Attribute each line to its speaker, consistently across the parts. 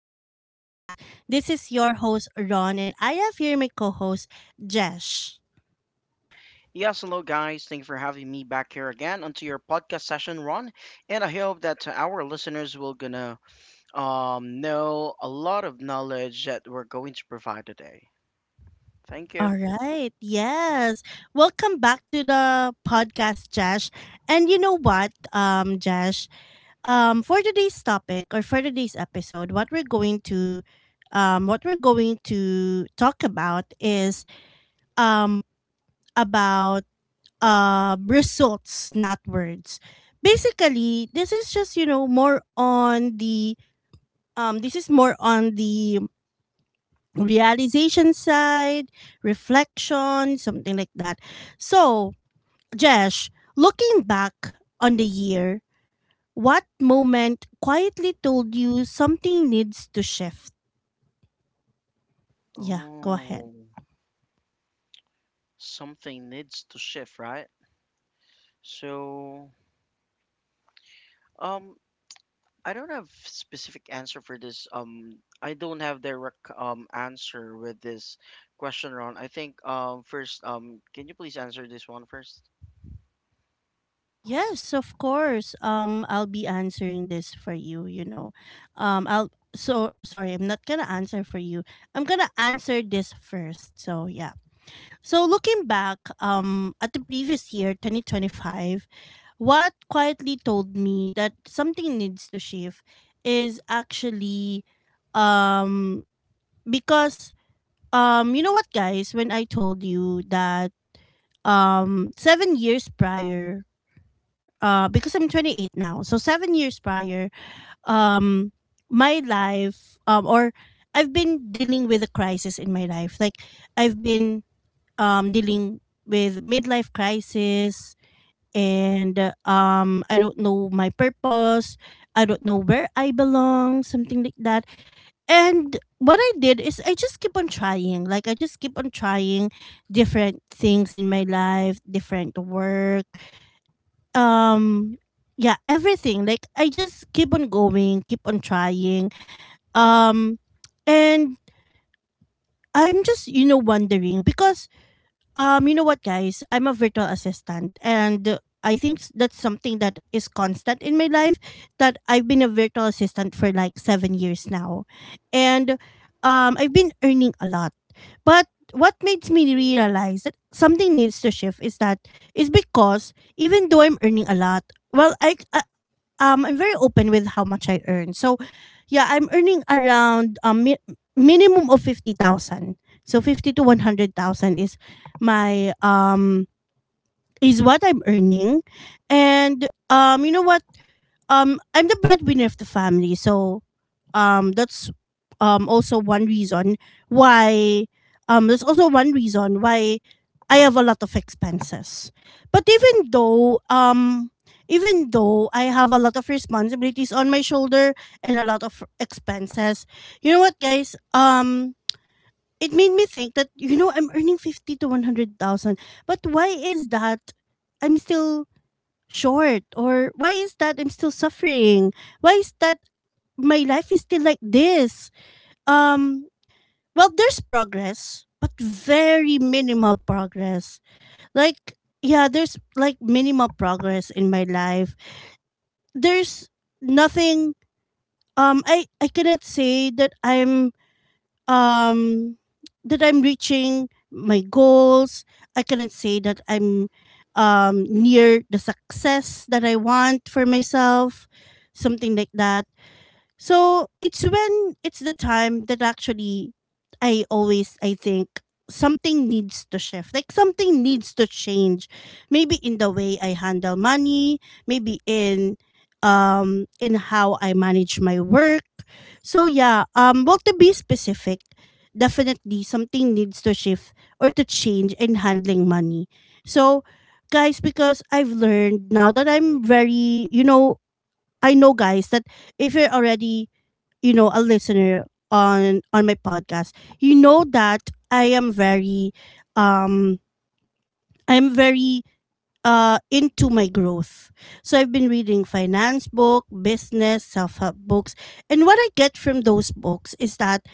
Speaker 1: Growth Podcast. This is your host, Ron, and I have here my co host, Jesh.
Speaker 2: Yes, hello guys. Thank you for having me back here again onto your podcast session, Ron. And I hope that our listeners will gonna know a lot of knowledge that we're going to provide today. Thank you.
Speaker 1: All right. Yes. Welcome back to the podcast, Jesh. And you know what, Jesh? For today's topic or for today's episode, what we're going to talk about is um, about results, not words. Basically, this is just more on the um, this is more on the realization side, reflection, something like that. So, Jesh, looking back on the year, what moment quietly
Speaker 2: Mhm.
Speaker 1: told you something needs to shift? Yeah, go ahead.
Speaker 2: Oh, something needs to shift, right? So, um, I don't have specific answer for this. I don't have direct answer with this question, Ron. I think first, can you please answer this one first?
Speaker 1: Yes, of course. I'll be answering this for you. You know, I'll So sorry, I'm not gonna answer for you. I'm gonna answer this first. So yeah. So looking back, at the previous year, 2025, what quietly told me that something needs to shift is actually, um, because you know what, guys, when I told you that 7 years prior, because I'm 28 now, so 7 years prior, um, my life, or I've been dealing with a crisis in my life. Like I've been dealing with midlife crisis, and I don't know my purpose. I don't know where I belong, something like that. And what I did is I just keep on trying. Like I just keep on trying different things in my life, different work, um yeah, everything. Like I just keep on going, keep on trying, um and I'm just wondering because you know what, guys, I'm a virtual assistant, and I think that's something that is constant in my life, that I've been a virtual assistant for like 7 years now, and I've been earning a lot. But what makes me realize that something needs to shift is that, is because even though I'm earning a lot, well, I I'm very open with how much I earn. So yeah, I'm earning around minimum of 50,000. So 50 to 100,000 is my is what I'm earning. And you know what? I'm the breadwinner of the family. So that's also one reason why there's also one reason why I have a lot of expenses. But even though I have a lot of responsibilities on my shoulder and a lot of expenses, you know what, guys? It made me think that, you know, I'm earning 50 to 100,000, but why is that I'm still short, or why is that I'm still suffering, why is that my life is still like this? um well, there's progress, but very minimal progress. Like, yeah, there's like minimal progress in my life. There's nothing. I cannot say um that I'm reaching my goals. I cannot say that I'm near the success that I want for myself, something like that. So it's when it's the time that actually I always I think something needs to shift. Like something needs to change. Maybe in the way I handle money, maybe in how I manage my work. So yeah, well, to be specific, definitely something needs to shift or to change in handling money. So guys, because I've learned now that I'm very, you know, I know, guys, that if you're already, you know, a listener on my podcast, you know that I am very um I'm very into my growth. So I've been reading finance book, business, self-help books, and what I get from those books is that,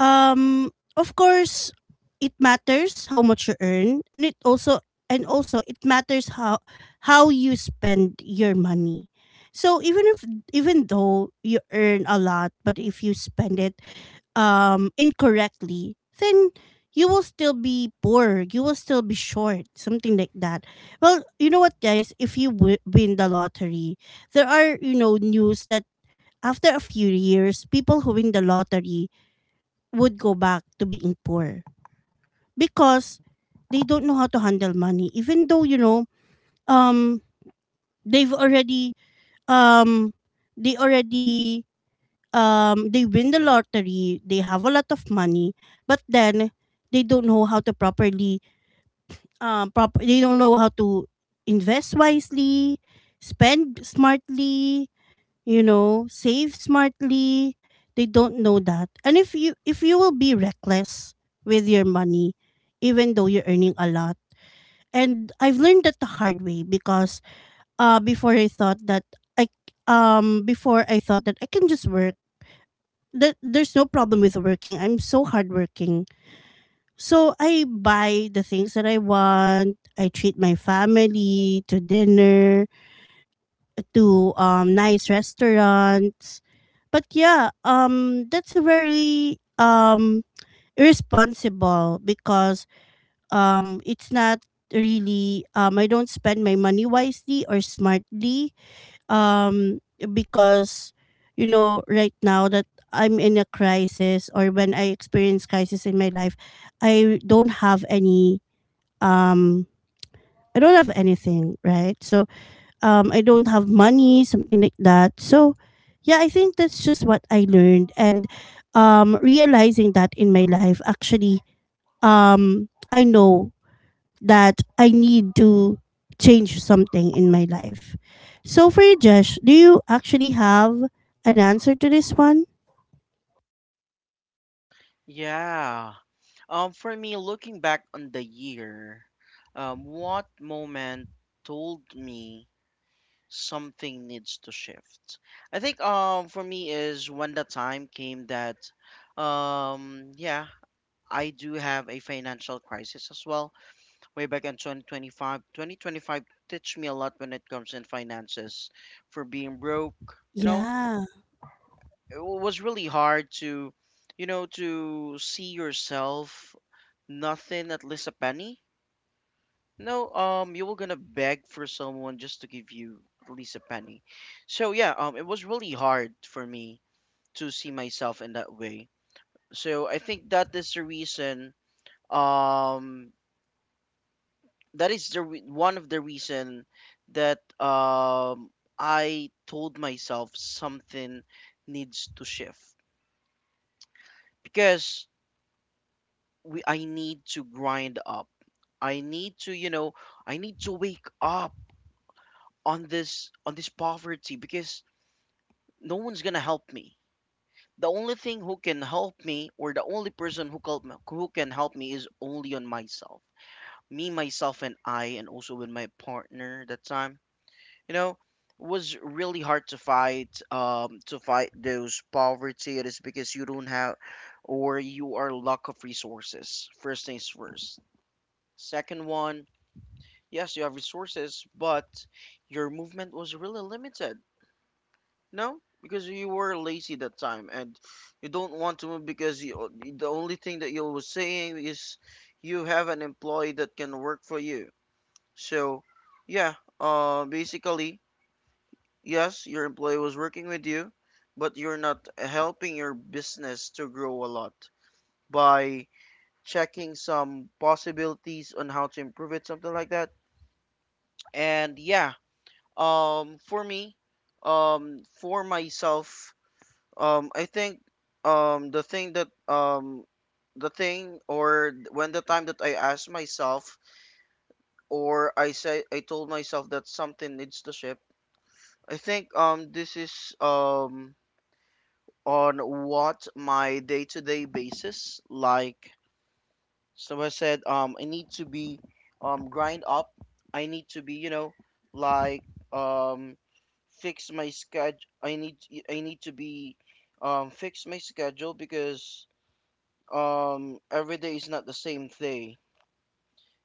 Speaker 1: um of course, it matters how much you earn, and it also, and also it matters how you spend your money. So even if, even though you earn a lot, but if you spend it incorrectly, then you will still be poor. You will still be short, something like that. Well, you know what, guys? If you win the lottery, there are, you know, news that after a few years, people who win the lottery would go back to being poor because they don't know how to handle money. Even though, you know, um, they've already um, they already they win the lottery, they have a lot of money, but then they don't know how to properly prop they don't know how to invest wisely, spend smartly, you know, save smartly. They don't know that. And if you, if you will be reckless with your money, even though you're earning a lot. And I've learned that the hard way because before I thought that I before I thought that I can just work, that there's no problem with working. I'm so hardworking. So I buy the things that I want. I treat my family to dinner, to nice restaurants. But yeah, that's a very irresponsible because it's not really I don't spend my money wisely or smartly, um because you know right now that I'm in a crisis, or when I experience crisis in my life, I don't have any, um I don't have anything, right? So I don't have money, something like that. So yeah, I think that's just what I learned, and realizing that in my life, actually, I know that I need to change something in my life. So for you, Josh, do you actually have an answer to this one?
Speaker 2: Yeah. For me, looking back on the year, what moment told me something needs to shift? I think for me is when the time came that, yeah, I do have a financial crisis as well. Way back in 2025 teach me a lot when it comes in finances for being broke, you know.
Speaker 1: Yeah.
Speaker 2: It was really hard to, you know, to see yourself nothing at least a penny. No, you were gonna beg for someone just to give you at least a penny. So yeah, it was really hard for me to see myself in that way. So I think that is the reason. Um, that is the one of the reason that I told myself something needs to shift because we I need to grind up. I need to, you know, I need to wake up on this, on this poverty because no one's gonna help me. The only thing who can help me, or the only person who help who can help me, is only on myself, me, myself, and I, and also with my partner that time. You know, was really hard to fight those poverty. It is because you don't have, or you are lack of resources. First things first. Second one, yes, you have resources, but your movement was really limited. No, because you were lazy that time and you don't want to move because you, the only thing that you were saying is you have an employee that can work for you. So, yeah, basically, yes, your employee was working with you, but you're not helping your business to grow a lot by checking some possibilities on how to improve it, something like that. And yeah, for me, for myself. I think the thing that, the thing, or when the time that I asked myself or I say I told myself that something needs to shift. I think this is on what my day-to-day basis, like, so I said, I need to be, grind up. I need to be, you know, like, um fix my schedule. I need to be, fix my schedule because every day is not the same day,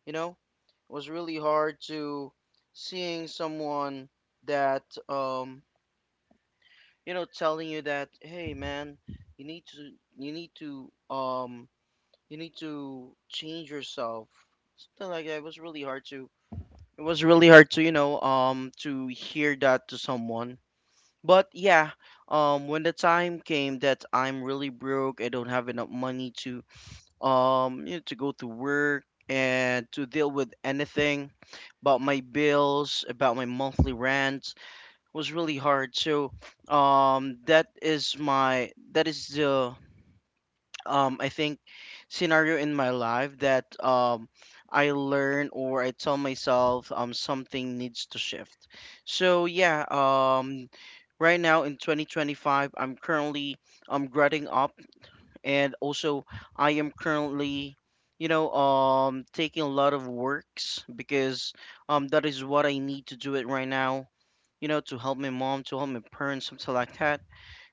Speaker 2: you know. It was really hard to seeing someone that, um you know, telling you that, hey man, you need to you need to um you need to change yourself, something like that. It was really hard to, you know, to hear that to someone. But yeah, when the time came that I'm really broke, I don't have enough money to, you know, to go to work and to deal with anything about my bills, about my monthly rent, was really hard. So that is my, that is the, I think, scenario in my life that, I learn or I tell myself something needs to shift. So yeah, right now in 2025 I'm currently, I'm graduating up, and also I am currently, you know, taking a lot of works because, that is what I need to do it right now. You know, to help my mom, to help my parents, something like that.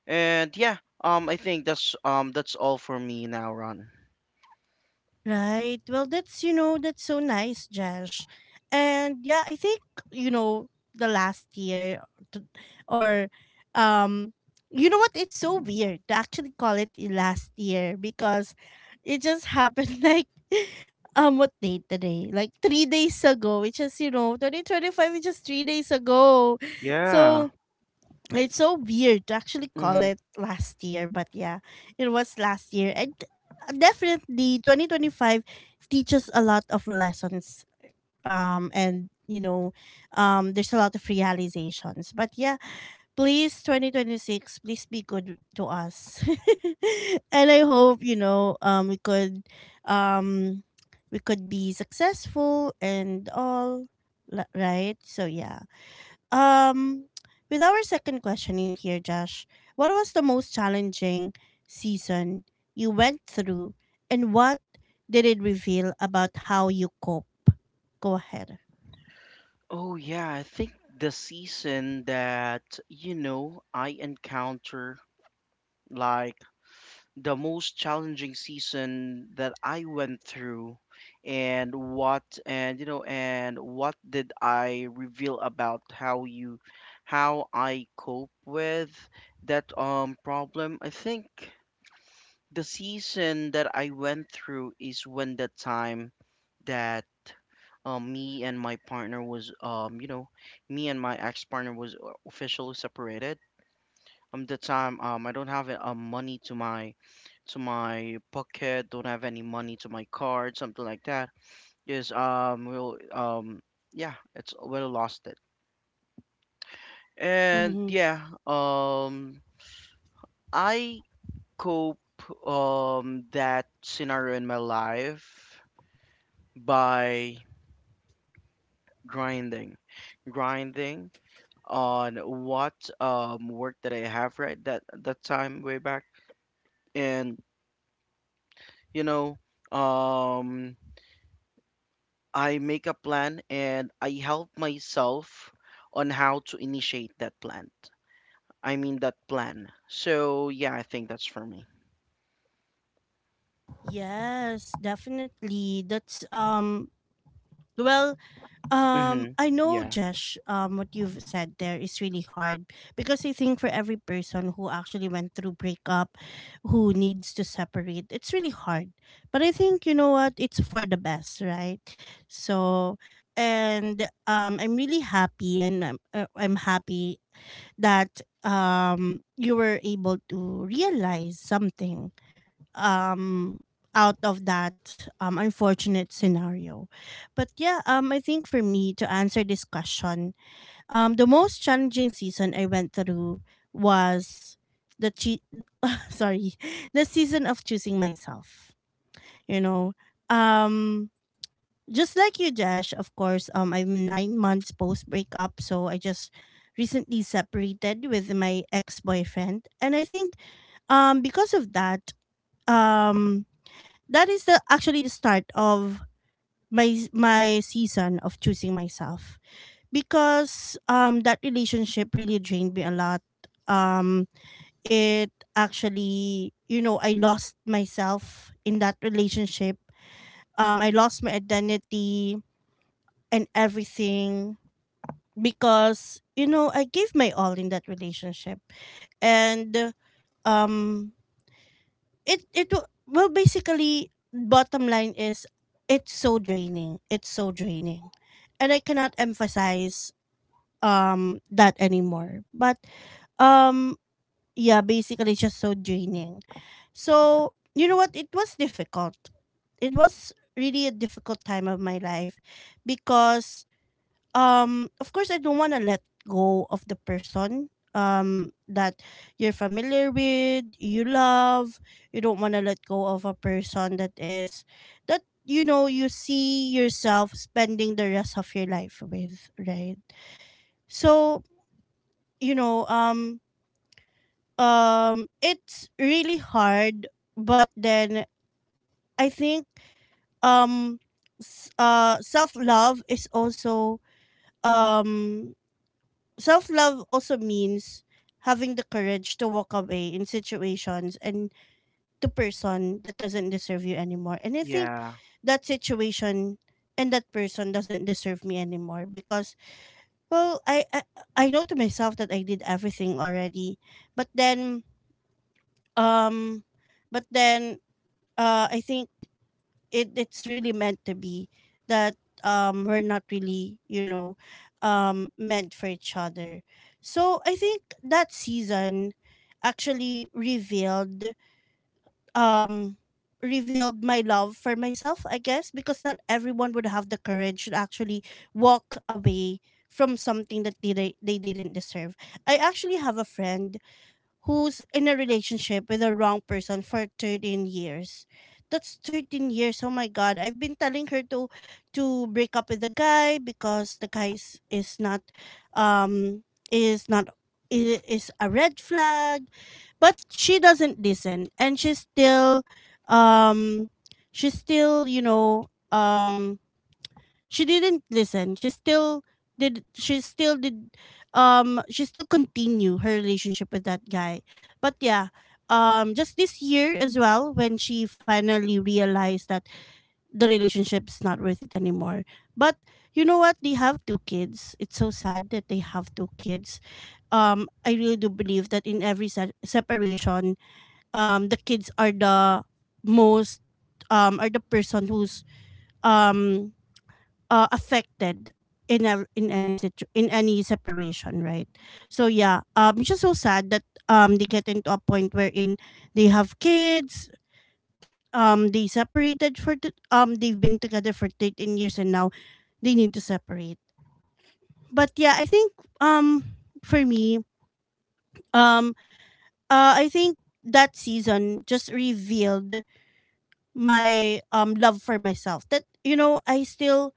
Speaker 2: And yeah, I think that's, that's all for me now, Ron.
Speaker 1: Right. Well, that's, you know, that's so nice, Josh. And yeah, I think, you know, the last year, t- or um you know what? It's so weird to actually call it last year because it just happened like, what day today? Like 3 days ago, which is, you know, 2025, which is 3 days ago.
Speaker 2: Yeah.
Speaker 1: So it's so weird to actually call
Speaker 2: Mm-hmm.
Speaker 1: it last year, but yeah, it was last year. And definitely 2025 teaches a lot of lessons. And you know, there's a lot of realizations. But yeah, please, 2026, please be good to us. And I hope, you know, um we could be successful and all, right? So yeah. Um, with our second question in here, Josh, what was the most challenging season you went through, and what did it reveal about how you cope? Go ahead.
Speaker 2: Oh yeah, I think the season that, you know, I encounter, like the most challenging season that I went through, and what, and you know, and what did I reveal about how you, how I cope with that problem. I think the season that I went through is when the time that, me and my partner was, you know, me and my ex partner was officially separated, the time, I don't have money to my, to my pocket, don't have any money to my card, something like that. Is will Yeah, it's will lost it. And
Speaker 1: Mm-hmm.
Speaker 2: yeah, um I cope that scenario in my life by grinding. Grinding on what work that I have right that that time way back, and you know, um I make a plan and I help myself on how to initiate that plan. I mean that plan. So yeah, I think that's for me.
Speaker 1: Yes, definitely. That's. Well,
Speaker 2: Mm-hmm.
Speaker 1: I know,
Speaker 2: Yeah.
Speaker 1: Josh, what you've said there is really hard because I think for every person who actually went through breakup, who needs to separate, it's really hard. But I think, you know what, it's for the best, right? So, and I'm really happy, and I'm happy that you were able to realize something um out of that unfortunate scenario. But yeah, I think for me to answer this question, the most challenging season I went through was the che- sorry, the season of choosing myself. You know, um just like you, Jesh, of course, I'm 9 months post breakup, so I just recently separated with my ex-boyfriend, and I think because of that, um that is the actually the start of my season of choosing myself, because that relationship really drained me a lot. um it actually, you know, I lost myself in that relationship. I lost my identity and everything, because, you know, I gave my all in that relationship, and um It it wa well, basically, bottom line is it's so draining. It's so draining. And I cannot emphasize that anymore. But um yeah, basically it's just so draining. So, you know what? It was difficult. It was really a difficult time of my life because of course I don't want to let go of the person that you're familiar with, you love. You don't want to let go of a person that is, that you know, you see yourself spending the rest of your life with, right? So, you know, it's really hard, but then I think um self-love is also um self love also means having the courage to walk away in situations and to person that doesn't deserve you anymore. And I think
Speaker 2: Yeah.
Speaker 1: that situation and that person doesn't deserve me anymore because, well, I I know to myself that I did everything already. But then, um but then I think it, it's really meant to be that, we're not really, you know, meant for each other. So I think that season actually revealed um revealed my love for myself, I guess, because not everyone would have the courage to actually walk away from something that they didn't deserve. I actually have a friend who's in a relationship with a wrong person for 13 years. That's 13 years. Oh my god. I've been telling her to break up with the guy because the guy is not I- is a red flag, but she doesn't listen and she's still um she's still. She didn't listen. Did she still did she still continue her relationship with that guy. But yeah, just this year as well when she finally realized that the relationship's not worth it anymore. But you know what? They have two kids. It's so sad that they have two kids. I really do believe that in every separation, the kids are the most um are the person who's um affected in in any in any separation, right? So yeah, it's just so sad that they get into a point wherein they have kids. They've been together for 13 years and now they need to separate. But yeah, I think um for me um I think that season just revealed my love for myself. That you know I still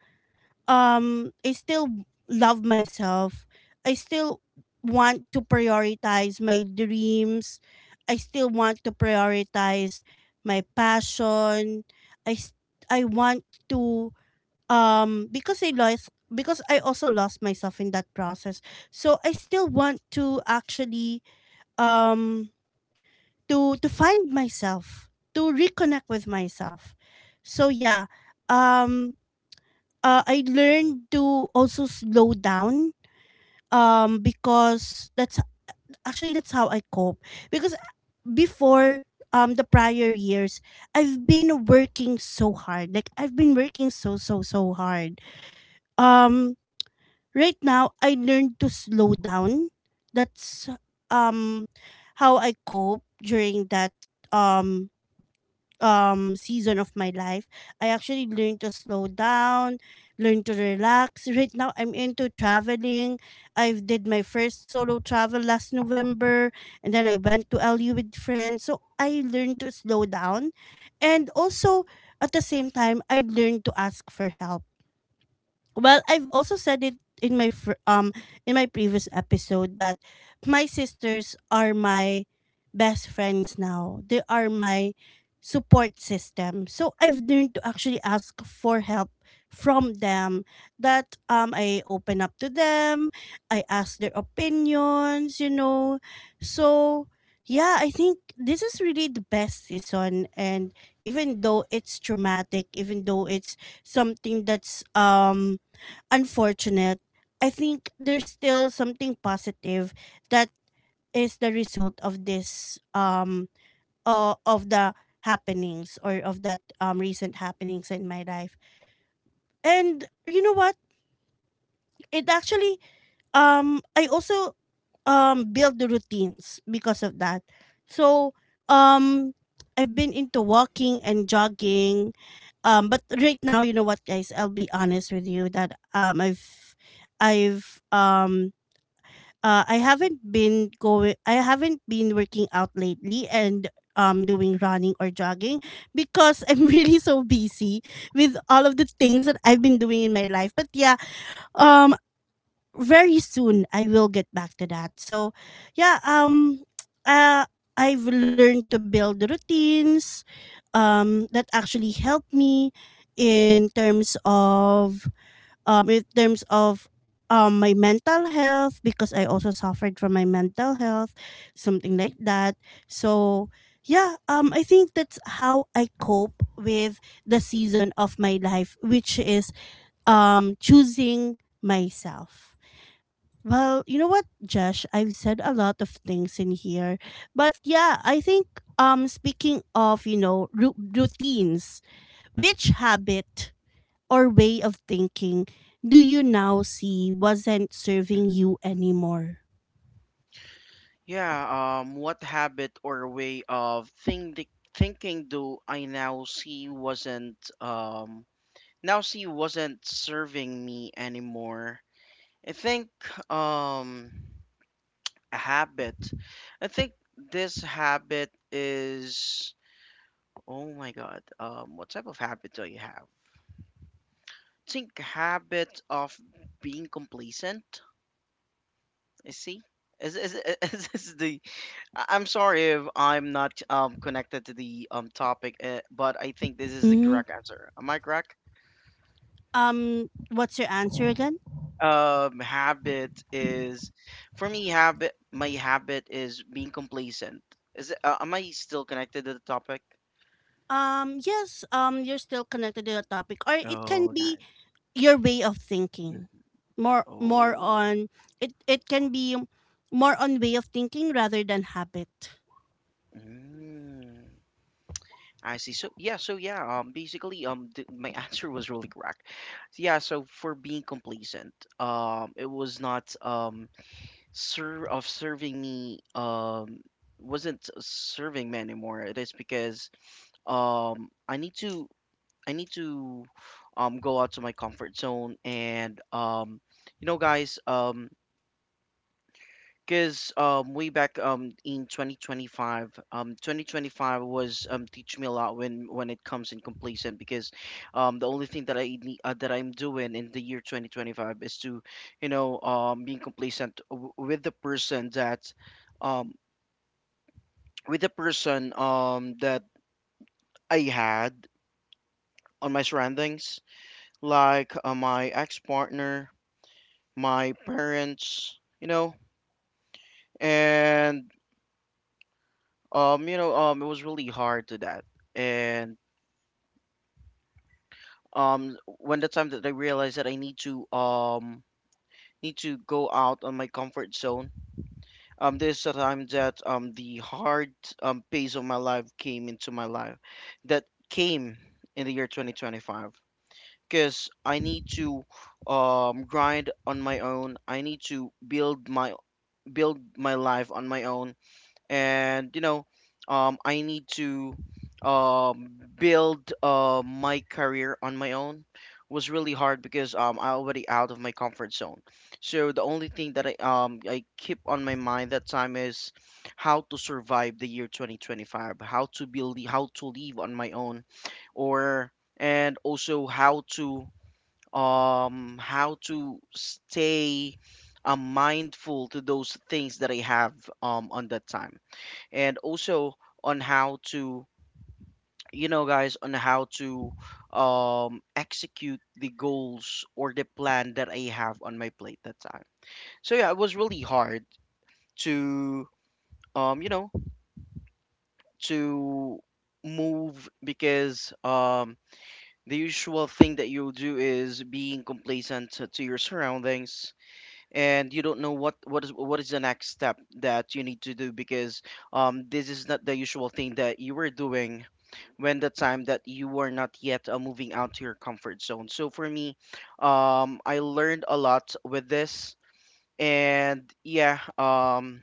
Speaker 1: um I still love myself. I still want to prioritize my dreams. I still want to prioritize my passion. I s- I want to because I lost because I also lost myself in that process. So I still want to actually um to find myself, to reconnect with myself. So yeah, um I learned to also slow down because that's how I cope because before the prior years I've been working so hard, like I've been working so so so hard. um right now I learned to slow down. That's um how I cope during that um season of my life. I actually learned to slow down, learn to relax. Right now I'm into traveling. I've did my first solo travel last November and then I went to Lu with friends. So I learned to slow down, and also at the same time I learned to ask for help. Well, I've also said it in my in my previous episode that my sisters are my best friends now. They are my support system. So I've learned to actually ask for help from them. That I open up to them, I ask their opinions, you know. So yeah, I think this is really the best season, and even though it's traumatic, even though it's something that's unfortunate, I think there's still something positive that is the result of this of the happenings or of that recent happenings in my life. And you know what? It actually I also build the routines because of that. So um I've been into walking and jogging. Um, but right now, you know what, guys, I'll be honest with you that I've um I haven't been going. I haven't been working out lately, and doing running or jogging, because I'm really so busy with all of the things that I've been doing in my life. But yeah, um, very soon I will get back to that. So, yeah, uh, I've learned to build routines, that actually help me in terms of um in terms of my mental health, because I also suffered from my mental health, something like that. So yeah, I think that's how I cope with the season of my life, which is choosing myself. Well, you know what, Josh, I've said a lot of things in here. But yeah, I think speaking of, you know, routines, which habit or way of thinking do you now see wasn't serving
Speaker 2: hmm
Speaker 1: you anymore?
Speaker 2: Yeah. What habit or way of thinking do I now see wasn't, now see wasn't serving me anymore? I think, um a habit. I think this habit is, oh my God. What type of habit do you have? I think habit of being complacent. You see, is is this the? I- I'm sorry if I'm not connected to the topic, but I think this is the
Speaker 1: Mhm.
Speaker 2: correct answer. Am I correct?
Speaker 1: What's your answer again?
Speaker 2: Habit is, for me, habit. My habit is being complacent. Is it, am I still connected to the topic?
Speaker 1: Yes, you're still connected to the topic, or it can
Speaker 2: Oh,
Speaker 1: be
Speaker 2: nice.
Speaker 1: your way of thinking.
Speaker 2: Mhm.
Speaker 1: More
Speaker 2: Oh.
Speaker 1: on it. It can be more on way of thinking rather than habit.
Speaker 2: Mm. I see. So yeah, so yeah, basically my answer was really correct. Yeah, so for being complacent, it was not serving me, wasn't serving me anymore. It is because I need to, I need to go out to my comfort zone, and you know guys, because, way back, in 2025, 2025 was, teach me a lot when it comes in complacent because, the only thing that I need, that I'm doing in the year 2025 is to, you know, being complacent with the person that, um, with the person, that I had on my surroundings, like, my ex-partner, my parents, you know. And you know, it was really hard to that, and when the time that I realized that I need to, need to go out on my comfort zone, this is the time that the hard phase of my life came into my life, that came in the year 2025, because I need to grind on my own. I need to build my life on my own, and you know, I need to, build, my career on my own, was really hard because, I already out of my comfort zone. So the only thing that I, I keep on my mind that time is how to survive the year 2025, how to build, how to live on my own, or, and also how to, how to stay, mindful to those things that I have on that time, and also on how to, you know guys, on how to, execute the goals or the plan that I have on my plate that time. So yeah, it was really hard to, you know, to move because, the usual thing that you'll do is being complacent to your surroundings, and you don't know what is the next step that you need to do because, this is not the usual thing that you were doing when the time that you were not yet, moving out to your comfort zone. So for me, I learned a lot with this, and yeah,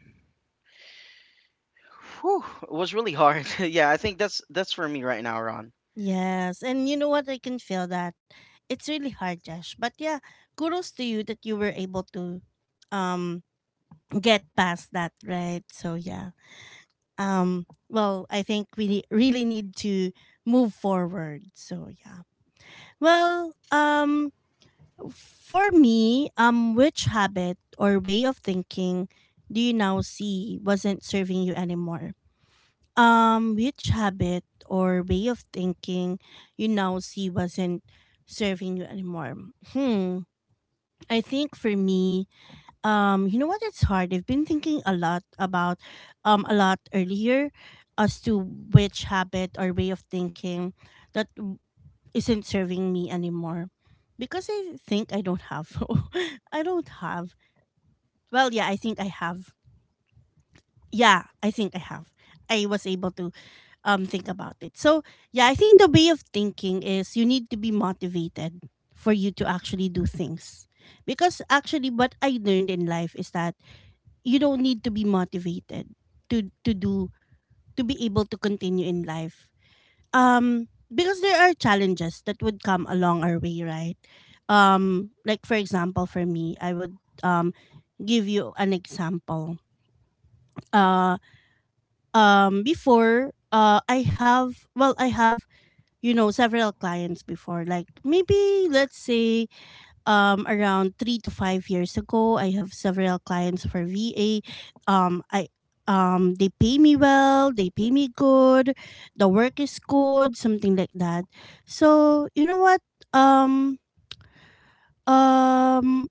Speaker 2: whew, it was really hard. yeah, I think that's for me right now, Ron.
Speaker 1: Yes, and you know what? I can feel that. It's really hard, Josh. But yeah, kudos to you that you were able to um get past that, right? So yeah. Um, well, I think we really need to move forward. So yeah. Well, for me, which habit or way of thinking do you now see wasn't serving you anymore? Um which habit or way of thinking you now see wasn't serving you anymore Hmm. I think for me, you know what? It's hard. I've been thinking a lot about a lot earlier as to which habit or way of thinking that w- isn't serving me anymore. Because I think I don't have. I don't have. Well, yeah, I think I have. Yeah, I think I have. I was able to think about it. So, yeah, I think the way of thinking is you need to be motivated for you to actually do things. Because actually what I learned in life is that you don't need to be motivated to to do to be able to continue in life, um because there are challenges that would come along our way, right? Like for example for me I would um give you an example uh Before, I have, you know, several clients before, like maybe let's say around 3 to 5 years ago. I have several clients for VA. I they pay me well. They pay me good. The work is good. Something like that. So you know what? Um, um,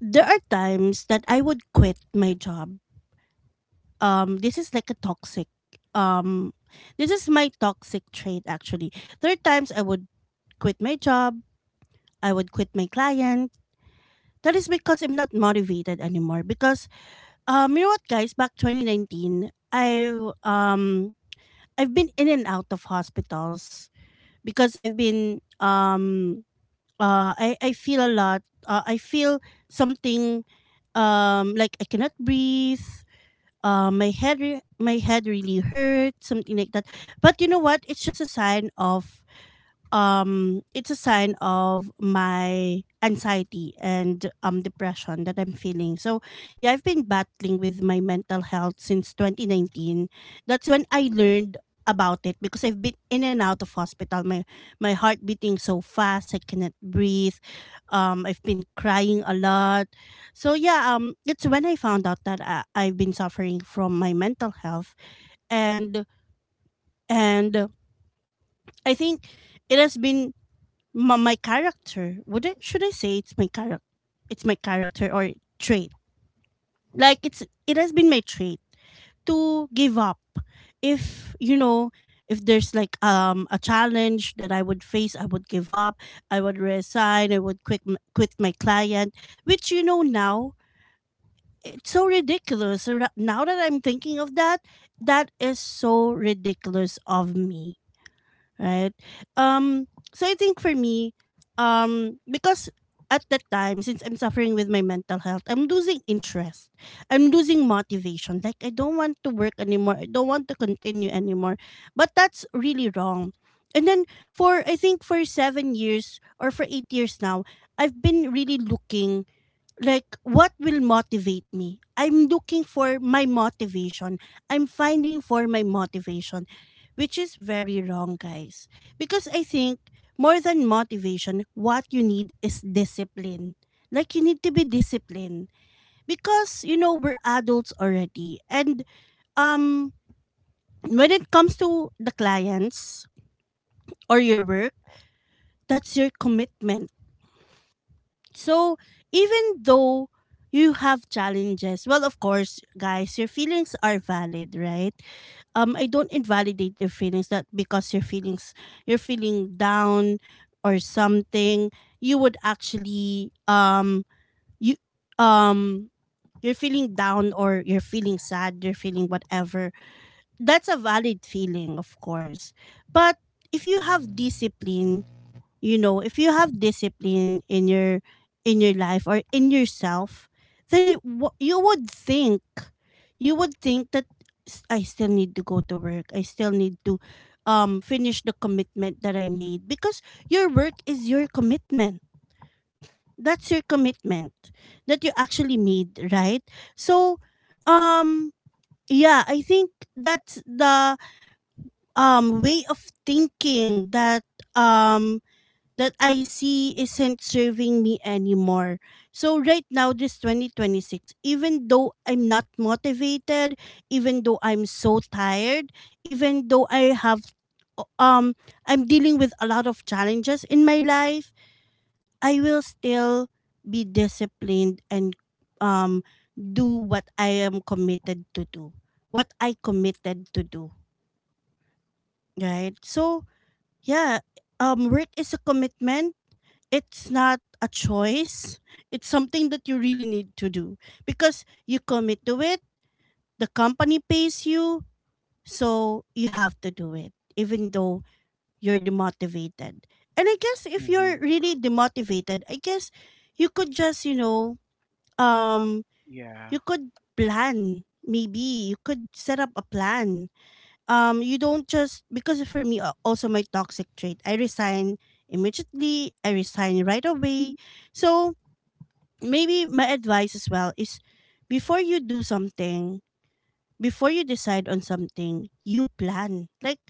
Speaker 1: there are times that I would quit my job. This is like a toxic. Um, this is my toxic trait actually. There are times I would quit my job. I would quit my client. That is because I'm not motivated anymore. Because you know what, guys? Back 2019, I've been in and out of hospitals because I've been I feel a lot. I feel something like I cannot breathe. My head really hurt, something like that. But you know what? It's just a sign of it's a sign of my anxiety and depression that I'm feeling. So yeah, I've been battling with my mental health since 2019. That's when I learned about it because I've been in and out of hospital. My heart beating so fast, I cannot breathe. I've been crying a lot. So yeah, it's when I found out that I've been suffering from my mental health, and and I think it has been my character. Would I, should I say it's my character? It's my character or trait. Like, it's, it has been my trait to give up. If you know, if there's like a challenge that I would face, I would give up, I would resign, I would quit quit my client, which, you know, now it's so ridiculous. Or now that I'm thinking of that, that is so ridiculous of me, right? Um, so I think for me, because at that time, since I'm suffering with my mental health, I'm losing interest. I'm losing motivation. Like, I don't want to work anymore. I don't want to continue anymore. But that's really wrong. And then for, I think for 7 years or for 8 years now, I've been really looking, like what will motivate me. I'm looking for my motivation, I'm finding for my motivation, which is very wrong, guys. Because I think more than motivation what you need is discipline. Like, you need to be disciplined, because, you know, we're adults already and um when it comes to the clients or your work, that's your commitment. So, even though you have challenges, well, of course, guys, your feelings are valid, right? I don't invalidate your feelings. That because your feelings, you're feeling down or something, you would actually, you, um, you're feeling down or you're feeling sad, you're feeling whatever. That's a valid feeling, of course. But if you have discipline, you know, if you have discipline in your life or in yourself, then you would think that, I still need to go to work, I still need to finish the commitment that I made, because your work is your commitment, that's your commitment that you actually made, right? So um yeah, I think that's the way of thinking that um that I see isn't serving me anymore. So right now, this 2026, even though I'm not motivated, even though I'm so tired, even though I have um I'm dealing with a lot of challenges in my life, I will still be disciplined and um do what I am committed to do. What I committed to do, right? So, yeah, work is a commitment, it's not a choice. It's something that you really need to do because you commit to it. The company pays you, so you have to do it, even though you're demotivated. And I guess if
Speaker 2: hmm
Speaker 1: you're really demotivated, I guess you could just, um,
Speaker 2: Yeah.
Speaker 1: you could plan. Maybe you could set up a plan. You don't just because for me also my toxic trait. I resign immediately. I resign right away. So maybe my advice as well is before you do something, before you decide on something, you plan. Like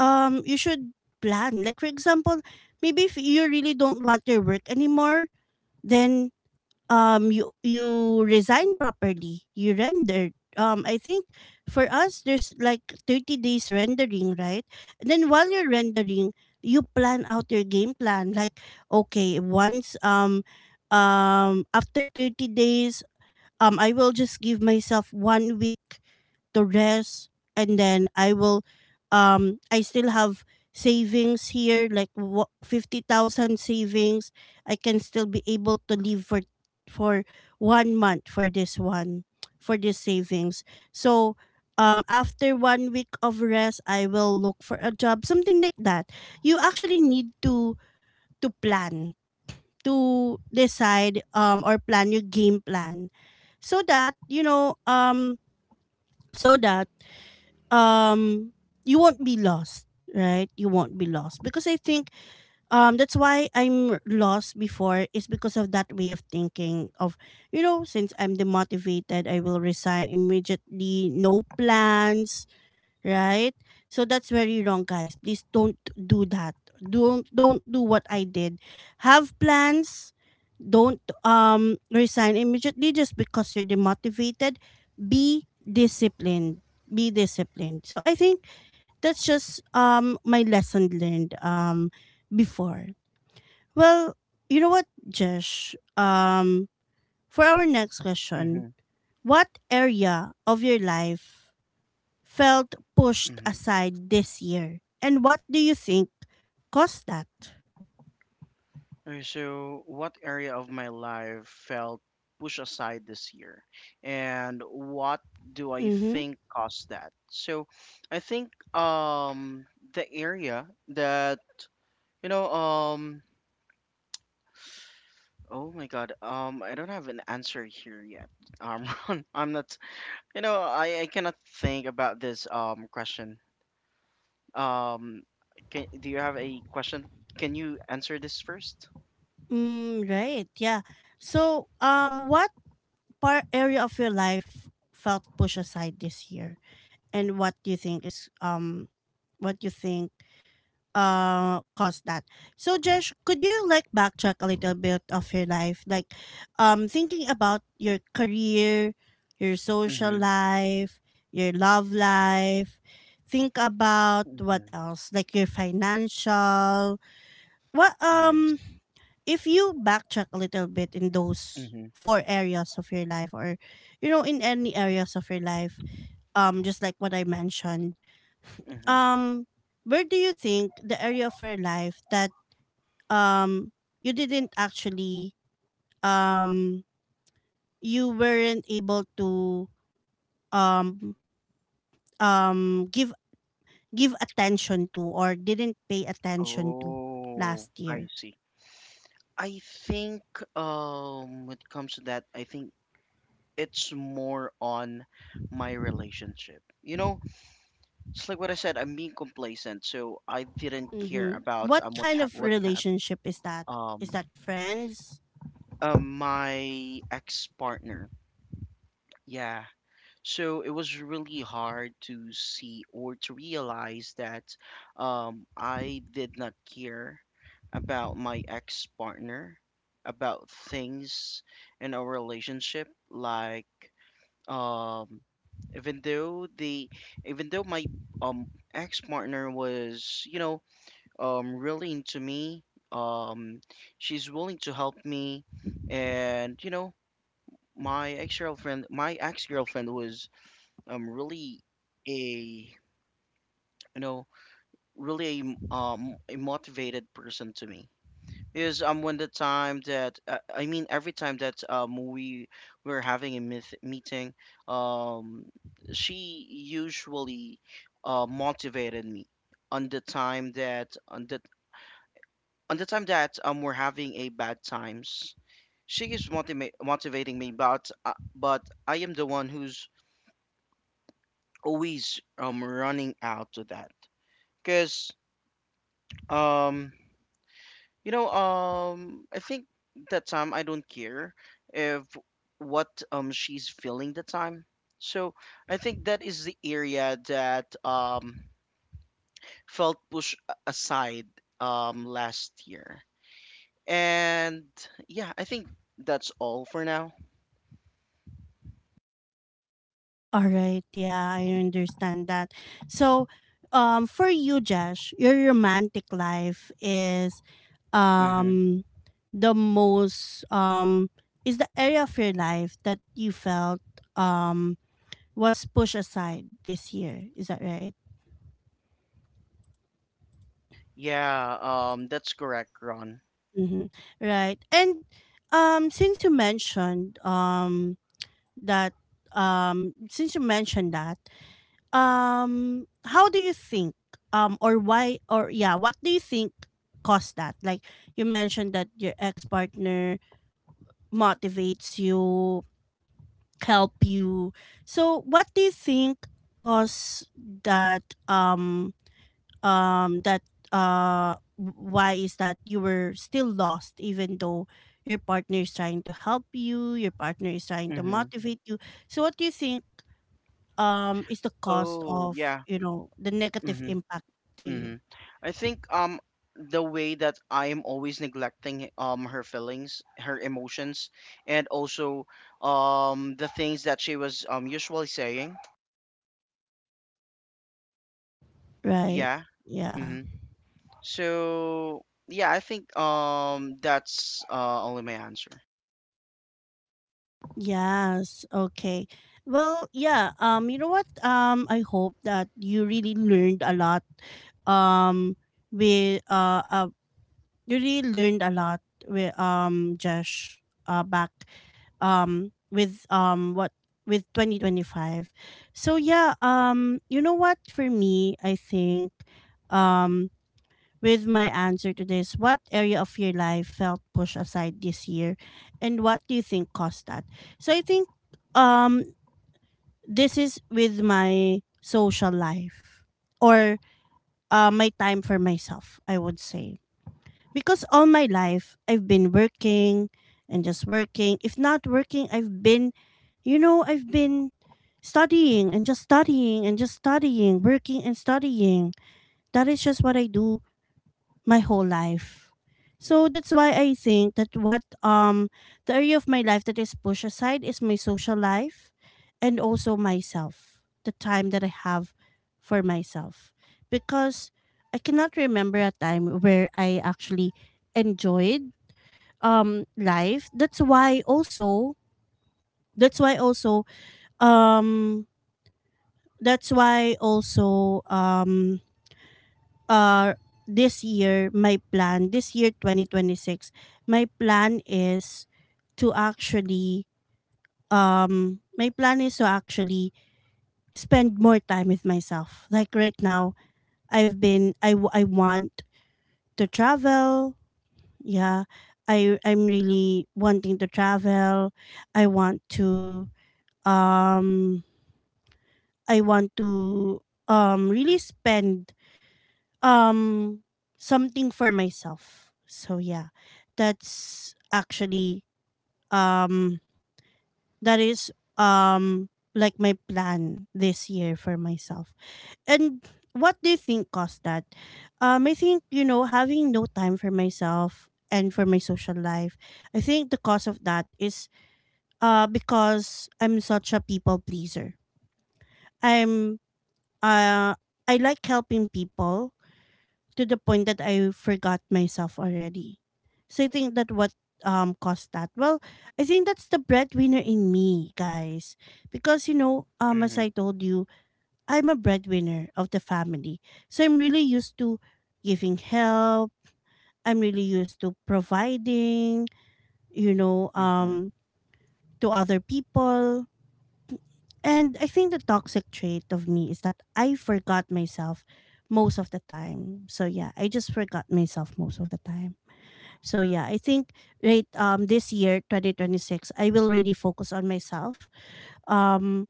Speaker 1: you should plan. Like for example, maybe if you really don't want your work anymore, then you resign properly. You render. I think for us there's like 30 days rendering, right? And then while you're rendering, you plan out your game plan like okay, once after 30 days I will just give myself 1 week to rest, and then I will I still have savings here like 50,000 savings. I can still be able to live for 1 month for this one, for this savings. So after 1 week of rest I will look for a job, something like that. You actually need to plan to decide, or plan your game plan so that you know, so that um you won't be lost, right? You won't be lost because I think that's why I'm lost before, is because of that way of thinking of, you know, since I'm demotivated I will resign immediately, no plans, right? So that's very wrong, guys. Please don't do that. Don't do what I did. Have plans. Don't resign immediately just because you're demotivated. Be disciplined. Be disciplined. So I think that's just my lesson learned before. Well, you know what, Josh? For our next question,
Speaker 2: hmm
Speaker 1: what area of your life felt pushed
Speaker 2: hmm
Speaker 1: aside this year? And what do you think caused that?
Speaker 2: Okay, so what area of my life felt pushed aside this year, and what do I
Speaker 1: Mm-hmm.
Speaker 2: think caused that? So, I think um the area that, you know, oh my God, I don't have an answer here yet. Ron, I'm not, you know, I cannot think about this question. Um, can, do you have a question? Can you answer this first?
Speaker 1: Mm, right. Yeah. So, what part area of your life felt pushed aside this year, and what do you think is what do you think caused that? So Josh, could you like backtrack a little bit of your life? Like thinking about your career, your social
Speaker 2: Mm-hmm.
Speaker 1: life, your love life. Think about
Speaker 2: Mm-hmm.
Speaker 1: what else? Like your financial what
Speaker 2: I.
Speaker 1: if you backtrack a little bit in those
Speaker 2: Mm-hmm.
Speaker 1: four areas of your life, or you know, in any areas of your life, just like what I mentioned,
Speaker 2: Mm-hmm.
Speaker 1: um where do you think the area of your life that um you didn't actually um you weren't able to um um give give attention to, or didn't pay attention to last
Speaker 2: Oh, I
Speaker 1: year.
Speaker 2: see. I think when it comes to that, I think it's more on my relationship. You know, just like what I said, I'm being complacent, so I didn't care
Speaker 1: Mm-hmm.
Speaker 2: about
Speaker 1: What
Speaker 2: what
Speaker 1: kind of
Speaker 2: what hap
Speaker 1: relationship is that? Is
Speaker 2: um
Speaker 1: that friends?
Speaker 2: my ex partner. Yeah, so it was really hard to see or to realize that I did not care about my ex partner, about things in our relationship, like, um even though the, even though my um ex partner was, you know, really into me. Um, she's willing to help me, and my ex-girlfriend was really a you know really a, m- a motivated person to me. Is When the time that I mean every time that we were having a myth meeting, um she usually motivated me on the time that on the on the time that we're having a bad times, she is motivating me, but I am the one who's always running out to that, cause um I think that time I don't care if what she's feeling the time. So I think that is the area that felt pushed aside last year. And yeah, I think that's all for now.
Speaker 1: All right, yeah, I understand that. So, for you, Josh, your romantic life is
Speaker 2: Mhm.
Speaker 1: um the most is the area of your life that you felt um was pushed aside this year. Is that right?
Speaker 2: Yeah, that's correct, Ron.
Speaker 1: Mm-hmm. Right, and um, since you mentioned um that since you mentioned that, how do you think, or why or yeah what do you think caused that? Like you mentioned that your ex-partner motivates you, help you. So what do you think caused that that uh why is that you were still lost even though your partner is trying to help you, your partner is trying to
Speaker 2: Mm-hmm.
Speaker 1: motivate you? So what do you think is the cost,
Speaker 2: Oh,
Speaker 1: of
Speaker 2: yeah.
Speaker 1: you know, the negative
Speaker 2: Mm-hmm.
Speaker 1: impact to
Speaker 2: Mm-hmm.
Speaker 1: you?
Speaker 2: I think the way that I am always neglecting her feelings, her emotions, and also the things that she was usually saying.
Speaker 1: Right.
Speaker 2: Yeah.
Speaker 1: Yeah.
Speaker 2: Mm-hmm. So yeah, I think that's only my answer.
Speaker 1: Yes, okay. Well, yeah, you know what, I hope that you really learned a lot, um we you really learned a lot with Josh back with what with 2025. So yeah, you know what, for me I think um with my answer to this. What area of your life felt pushed aside this year, and what do you think caused that? So I think um this is with my social life, or my time for myself, I would say. Because all my life I've been working and just working. If not working, I've been, you know, I've been studying and just studying and just studying, working and studying. That is just what I do my whole life. So that's why I think that what the area of my life that is pushed aside is my social life and also myself. The time that I have for myself. Because I cannot remember a time where I actually enjoyed life. That's why also that's why also um that's why also uh this year my plan, this year 2026, my plan is to actually um my plan is to actually spend more time with myself, like right now. I want to travel, yeah. I'm really wanting to travel. I want to um I want to really spend um something for myself. So yeah, that's actually um that is um like my plan this year for myself. And what do you think caused that? I think, you know, having no time for myself and for my social life. I think the cause of that is because I'm such a people pleaser. I'm uh I like helping people to the point that I forgot myself already. So I think that what caused that? Well, I think that's the breadwinner in me, guys. Because you know, as
Speaker 2: Mm-hmm.
Speaker 1: I told you, I'm a breadwinner of the family. So I'm really used to giving help. I'm really used to providing, you know,
Speaker 2: Mm-hmm.
Speaker 1: to other people. And I think the toxic trait of me is that I forgot myself most of the time. So yeah, I just forgot myself most of the time. So yeah, I think right, this year 2026 I will really focus on myself. Um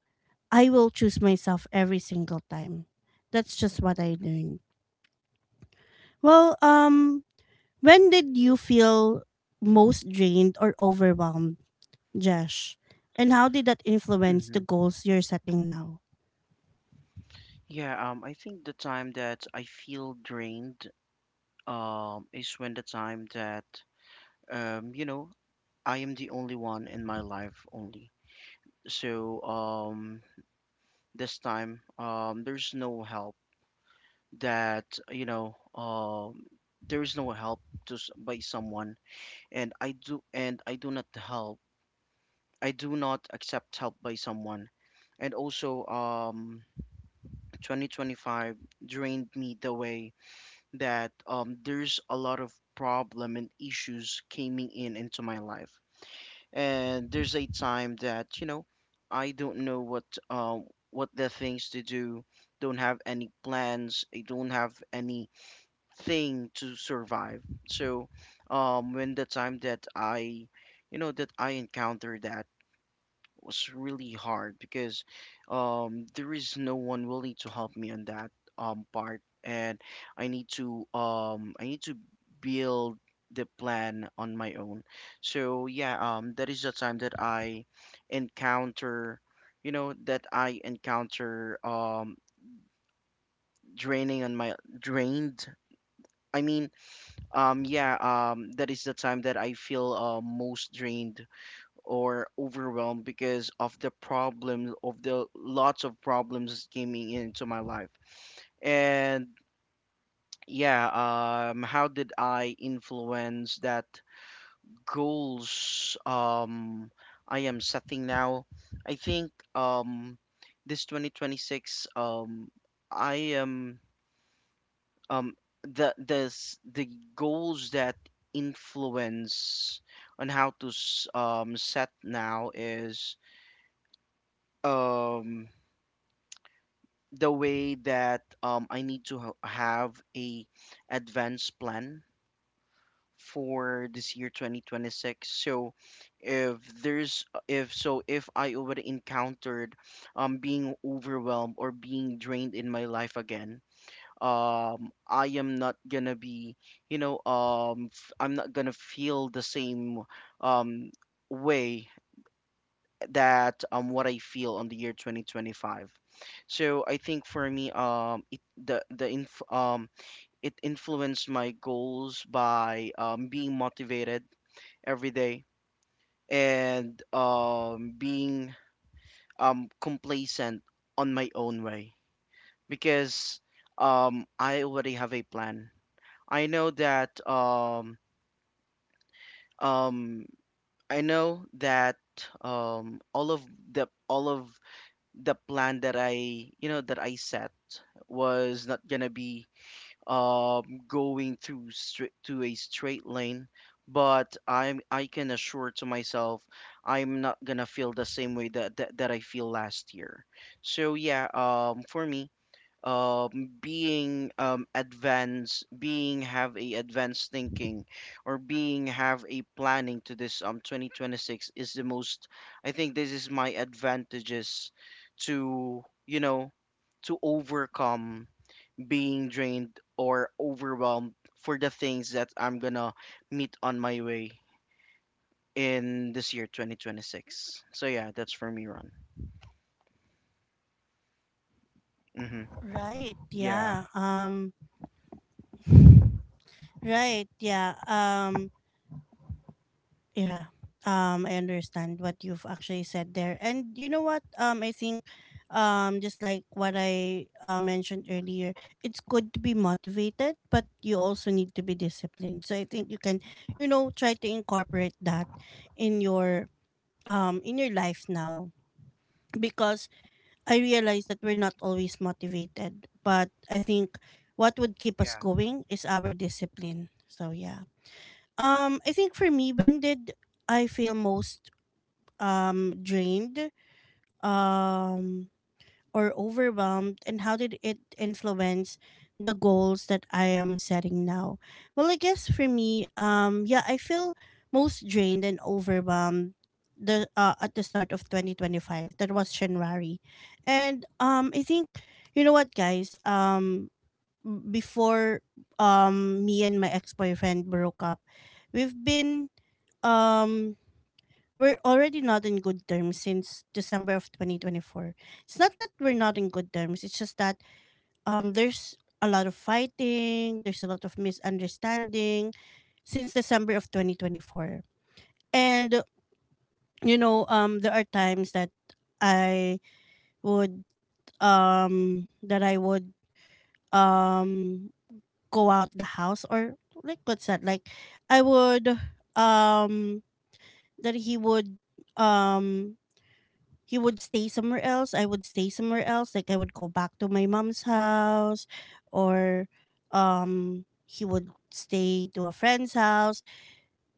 Speaker 1: I will choose myself every single time. That's just what I learned. Well, when did you feel most drained or overwhelmed, Josh? And how did that influence
Speaker 2: Mm-hmm.
Speaker 1: the goals you're setting now?
Speaker 2: Yeah, I think the time that I feel drained, is when the time that um, you know, I am the only one in my life only. So this time, there's no help that you know, um, there's no help to by someone, and I do not help. I do not accept help by someone, and also 2025 drained me the way that there's a lot of problem and issues coming in into my life and there's a time that you know I don't know um what the things to do, don't have any plans, I don't have anything to survive. So when the time that I that I encounter that was really hard because there is no one willing to help me on that part, and I need to build the plan on my own. So yeah, that is the time that I encounter, that I encounter draining on my drained. I mean, yeah, that is the time that I feel most drained or overwhelmed because of the lots of problems coming into my life and yeah. How did I influence that goals I am setting now? I think this 2026, I am um the this the goals that influence on how to set now is um the way that I need to have a advanced plan for this year 2026. So if there's if so if I already encountered being overwhelmed or being drained in my life again, I am not gonna be I'm not gonna feel the same um, way that what I feel on the year 2025. So I think for me it influenced my goals by being motivated every day and being complacent on my own way because I already have a plan. I know that um um I know that um all of all of the plan that that I set was not gonna be going through straight to a straight lane, but I'm I can assure to myself I'm not gonna feel the same way that I feel last year. So yeah, for me, being advanced, being have a advanced thinking, or being have a planning to this 2026 is the most. I think this is my advantages to to overcome being drained or overwhelmed for the things that I'm gonna meet on my way in this year 2026. So yeah, that's for me, Ron. Mm-hmm.
Speaker 1: Right.
Speaker 2: Yeah.
Speaker 1: Yeah. Right. Yeah. Um yeah. I understand what you've actually said there. And you know what? I think just like what I mentioned earlier, it's good to be motivated, but you also need to be disciplined. So I think you can, you know, try to incorporate that in your in your life now, because I realize that we're not always motivated, but I think what would keep us
Speaker 2: Yeah.
Speaker 1: going is our discipline. So yeah. I think for me, when did I feel most drained, Um or overwhelmed, and how did it influence the goals that I am setting now? Well, I guess for me, yeah, I feel most drained and overwhelmed the at the start of 2025. That was January. And I think, you know what guys, before me and my ex-boyfriend broke up, we've been um we're already not in good terms since December of 2024. It's not that we're not in good terms. It's just that there's a lot of fighting, there's a lot of misunderstanding since December of 2024. And you know, there are times that I would um that I would um go out the house, or like what's that? Like I would um that um he would stay somewhere else. I would stay somewhere else. Like I would go back to my mom's house, or he would stay to a friend's house.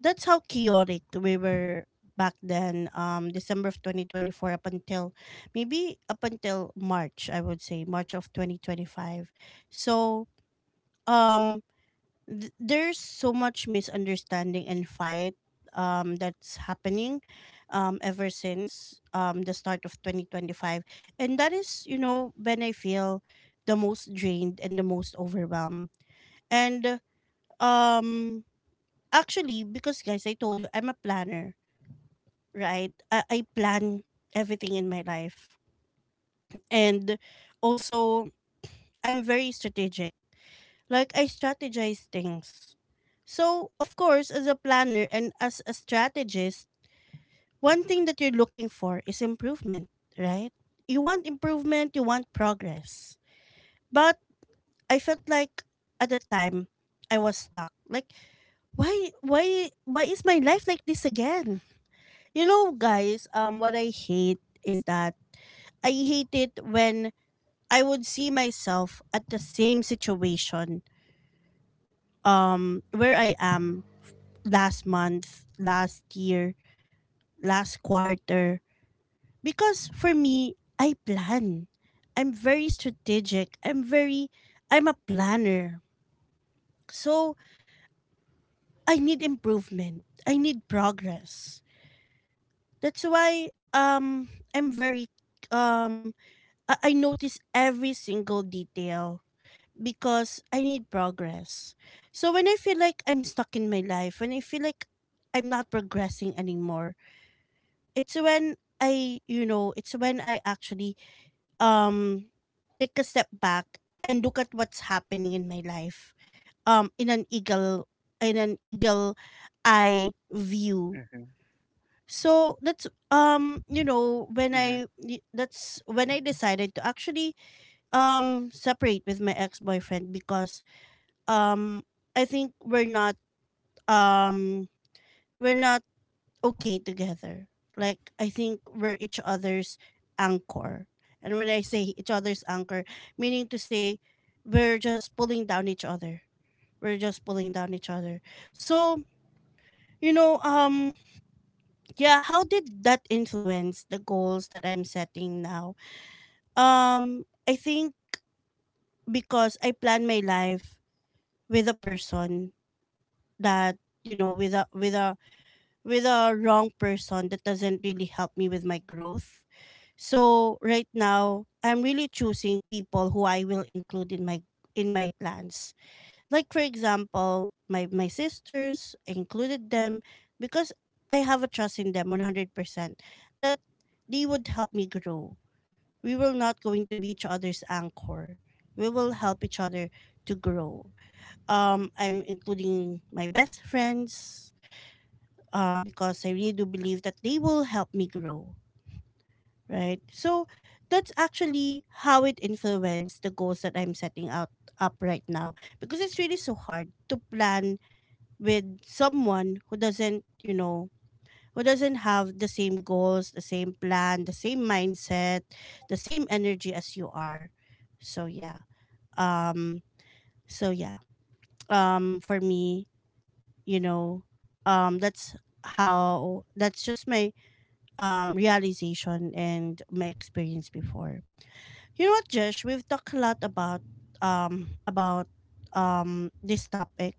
Speaker 1: That's how chaotic we were back then. December of 2024 up until, maybe up until March, I would say March of 2025. So um there's so much misunderstanding and fight that's happening ever since the start of 2025. And that is, you know, when I feel the most drained and the most overwhelmed. And um actually, because guys I told you I'm a planner, right? I plan everything in my life, and also I'm very strategic. Like I strategize things. So, of course, as a planner and as a strategist, one thing that you're looking for is improvement, right? You want improvement, you want progress. But I felt like at the time I was stuck. Like why is my life like this again? You know, guys, what I hate is that I hate it when I would see myself at the same situation where I am last month, last year, last quarter. Because for me, I plan. I'm very strategic. I'm a planner. So I need improvement. I need progress. That's why I'm very um I notice every single detail because I need progress. So when I feel like I'm stuck in my life, when I feel like I'm not progressing anymore, it's when I, you know, it's when I actually um take a step back and look at what's happening in my life. Um in an eagle in an eagle eye view.
Speaker 2: Mm-hmm.
Speaker 1: So that's when
Speaker 2: Mm-hmm.
Speaker 1: that's when I decided to actually separate with my ex-boyfriend because um I think um we're not okay together. Like I think we're each other's anchor. And when I say each other's anchor, meaning to say we're just pulling down each other. We're just pulling down each other. So, you know, um yeah, how did that influence the goals that I'm setting now? I think because I plan my life with a person that you know with a with a wrong person that doesn't really help me with my growth. So right now, I'm really choosing people who I will include in my plans. Like for example, my sisters, I included them because I have a trust in them 100% that they would help me grow. We will not going to be each other's anchor. We will help each other to grow. I'm including my best friends because I really do believe that they will help me grow. Right. So that's actually how it influenced the goals that I'm setting out up right now because it's really so hard to plan with someone who doesn't who doesn't have the same goals, the same plan, the same mindset, the same energy as you are. So yeah. Um so yeah. For me, you know, that's how that's just my realization and my experience before. You know what, Josh? We've talked a lot about this topic,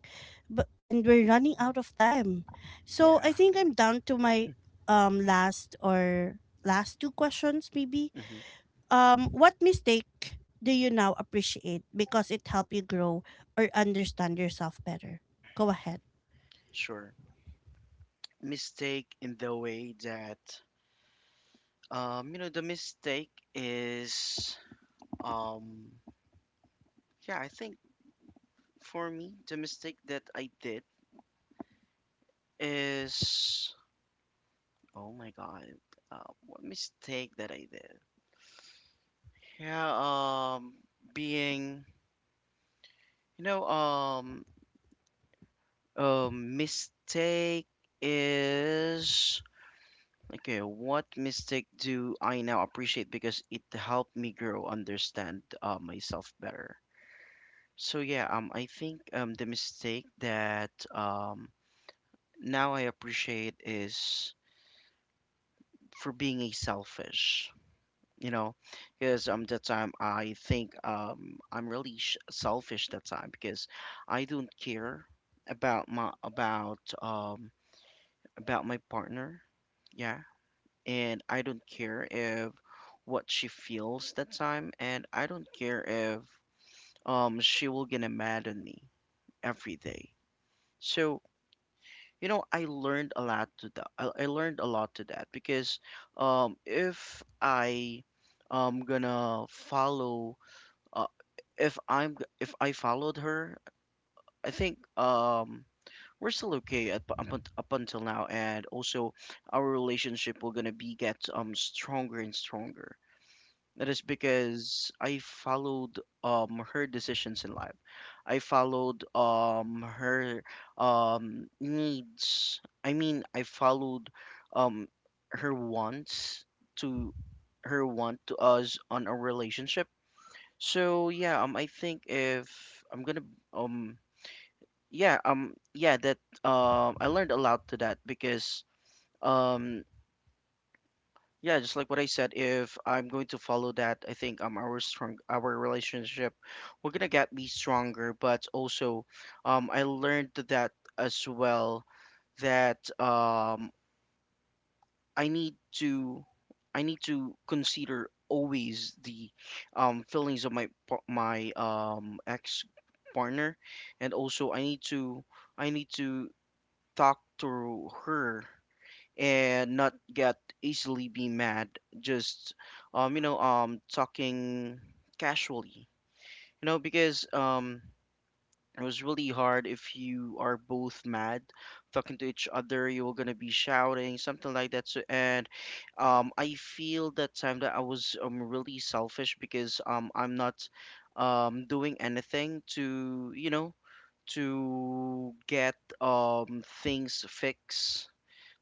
Speaker 1: but and we're running out of time. So I
Speaker 2: Yeah.
Speaker 1: think I'm down to my last or last two questions maybe.
Speaker 2: Mm-hmm.
Speaker 1: What mistake do you now appreciate because it helped you grow or understand yourself better? Go ahead.
Speaker 2: Sure. Mistake in the way that the mistake is um yeah, I think for me the mistake that I did is, oh my god, uh, what mistake that I did, yeah. Being you know a mistake is Okay, what mistake do I now appreciate because it helped me grow, understand, myself better? So yeah, I think the mistake that now I appreciate is for being a selfish, you know, because that time I think I'm really sh selfish that time because I don't care about my about um about my partner, yeah, and I don't care if what she feels that time, and I don't care if she will get mad at me every day. So, you know, I learned a lot to that because if I am gonna follow, uh, if I followed her, I think we're still okay up until now, and also our relationship will gonna be get stronger and stronger. That is because I followed her decisions in life. I followed her needs. I mean, I followed um her wants to her want to us on a relationship. So yeah, I think if I'm gonna um yeah yeah, that I learned a lot to that because um yeah, just like what I said, if I'm going to follow that, I think our relationship will gonna get me stronger, but also I learned that as well that I need to I need to consider always the feelings of my ex partner. And also I need to talk to her and not get easily be mad, just talking casually, you know, because it was really hard if you are both mad talking to each other, you're gonna be shouting something like that. So, and I feel that time that I was really selfish because I'm not doing anything to to get things fixed,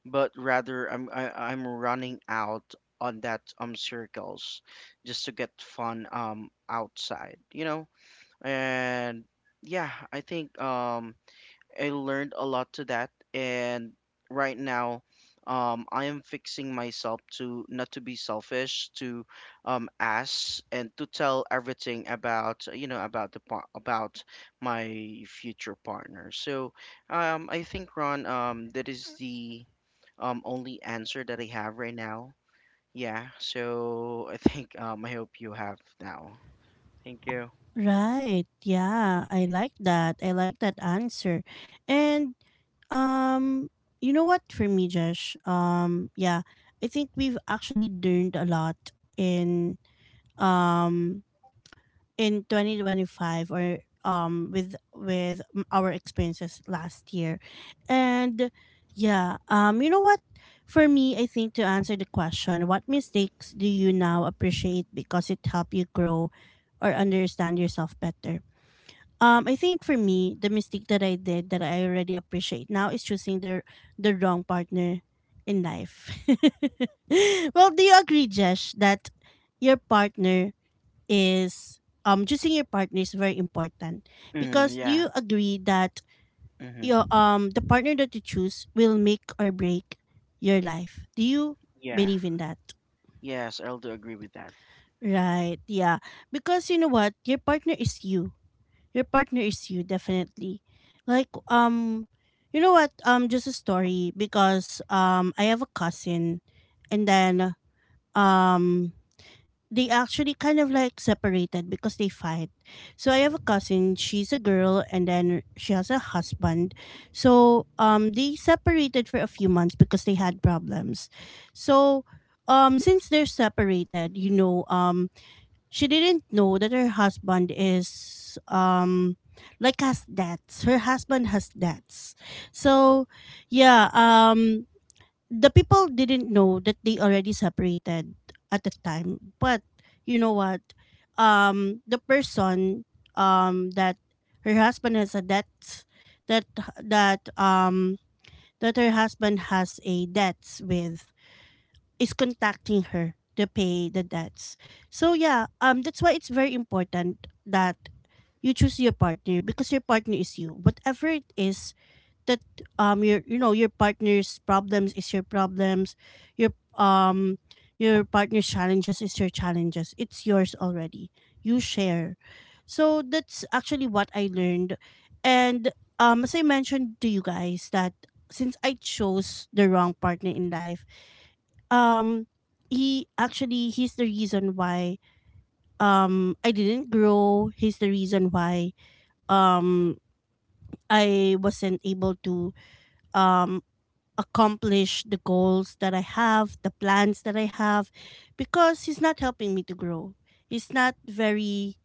Speaker 2: but rather I'm running out on that circles just to get fun outside, you know? And yeah, I think I learned a lot to that, and right now I am fixing myself to not to be selfish, to ask and to tell everything about, you know, about the about my future partner. So I think, Ron, that is the only answer that I have right now. Yeah, so I think I hope you have now. Thank you.
Speaker 1: Right. Yeah, I like that. I like that answer. And Um, you know what, for me, Josh? Yeah, I think we've actually learned a lot in um in 2025 or with our experiences last year. And yeah, you know what, for me, I think to answer the question, what mistakes do you now appreciate because it helped you grow or understand yourself better? I think for me, the mistake that I did that I already appreciate now is choosing the wrong partner in life. Well, do you agree, Jesh, that your partner is choosing your partner is very important
Speaker 2: Mm,
Speaker 1: because do
Speaker 2: yeah.
Speaker 1: you agree that your
Speaker 2: Mm-hmm.
Speaker 1: the partner that you choose will make or break your life? Do you
Speaker 2: Yeah.
Speaker 1: believe in that?
Speaker 2: Yes, I'll do agree with that.
Speaker 1: Right. Yeah. Because you know what, your partner is you, your partner is you definitely, like um you know what, just a story because I have a cousin and then um they actually kind of like separated because they fight. So I have a cousin, she's a girl and then she has a husband. So they separated for a few months because they had problems. So since they're separated, she didn't know that her husband is like has debts. Her husband has debts. So yeah, the people didn't know that they already separated at the time. But you know what? The person that her husband has a debt that that um that her husband has a debts with is contacting her to pay the debts. So yeah, that's why it's very important that you choose your partner because your partner is you. Whatever it is that your partner's problems is your problems, your um your partner's challenges is your challenges. It's yours already. You share. So that's actually what I learned. And as I mentioned to you guys that since I chose the wrong partner in life, um he actually, he's the reason why I didn't grow. He's the reason why um I wasn't able to um accomplish the goals that I have, the plans that I have because he's not helping me to grow. He's not very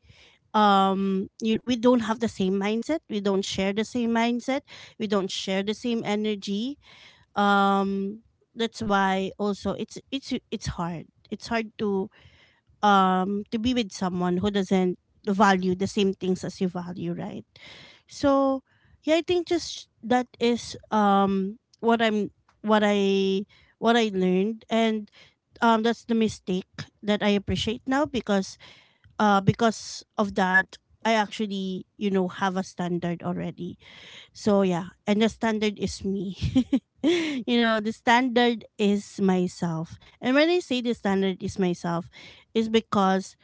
Speaker 1: we don't have the same mindset, we don't share the same mindset, we don't share the same energy, um that's why also it's it's hard, it's hard to be with someone who doesn't value the same things as you value, right? So, yeah, I think just that is what I'm what I what I learned. And that's the mistake that I appreciate now because of that I actually, you know, have a standard already. So yeah, and the standard is me. You know, the standard is myself. And when I say the standard is myself, is because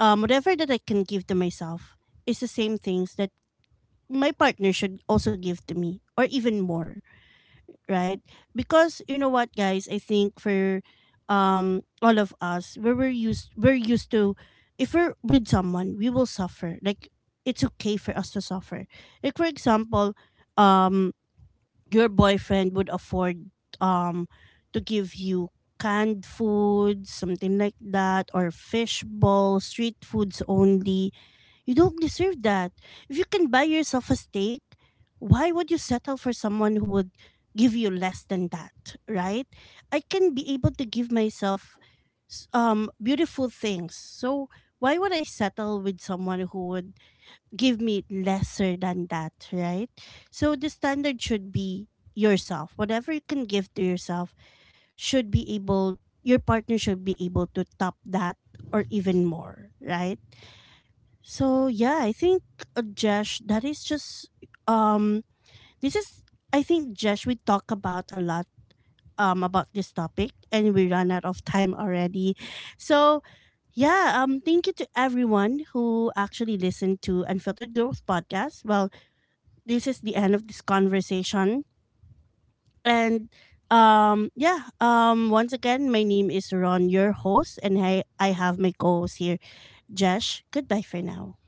Speaker 1: whatever that I can give to myself is the same things that my partner should also give to me or even more, right? Because you know what, guys, I think for all of us, we're used to, if we're with someone, we will suffer. Like it's okay for us to suffer. Like for example, um your boyfriend would afford um to give you canned food, something like that, or fish balls, street foods only, you don't deserve that. If you can buy yourself a steak, why would you settle for someone who would give you less than that, right? I can be able to give myself beautiful things. So why would I settle with someone who would give me lesser than that, right? So the standard should be yourself. Whatever you can give to yourself should be able, your partner should be able to top that or even more, right? So yeah, I think Jesh, that is just um this is I think, Jesh, we talk about a lot about this topic and we run out of time already. So yeah, thank you to everyone who actually listened to Unfiltered Growth podcast. Well, this is the end of this conversation and yeah, once again my name is Ron, your host and I have my co-host here, Jesh. Goodbye for now.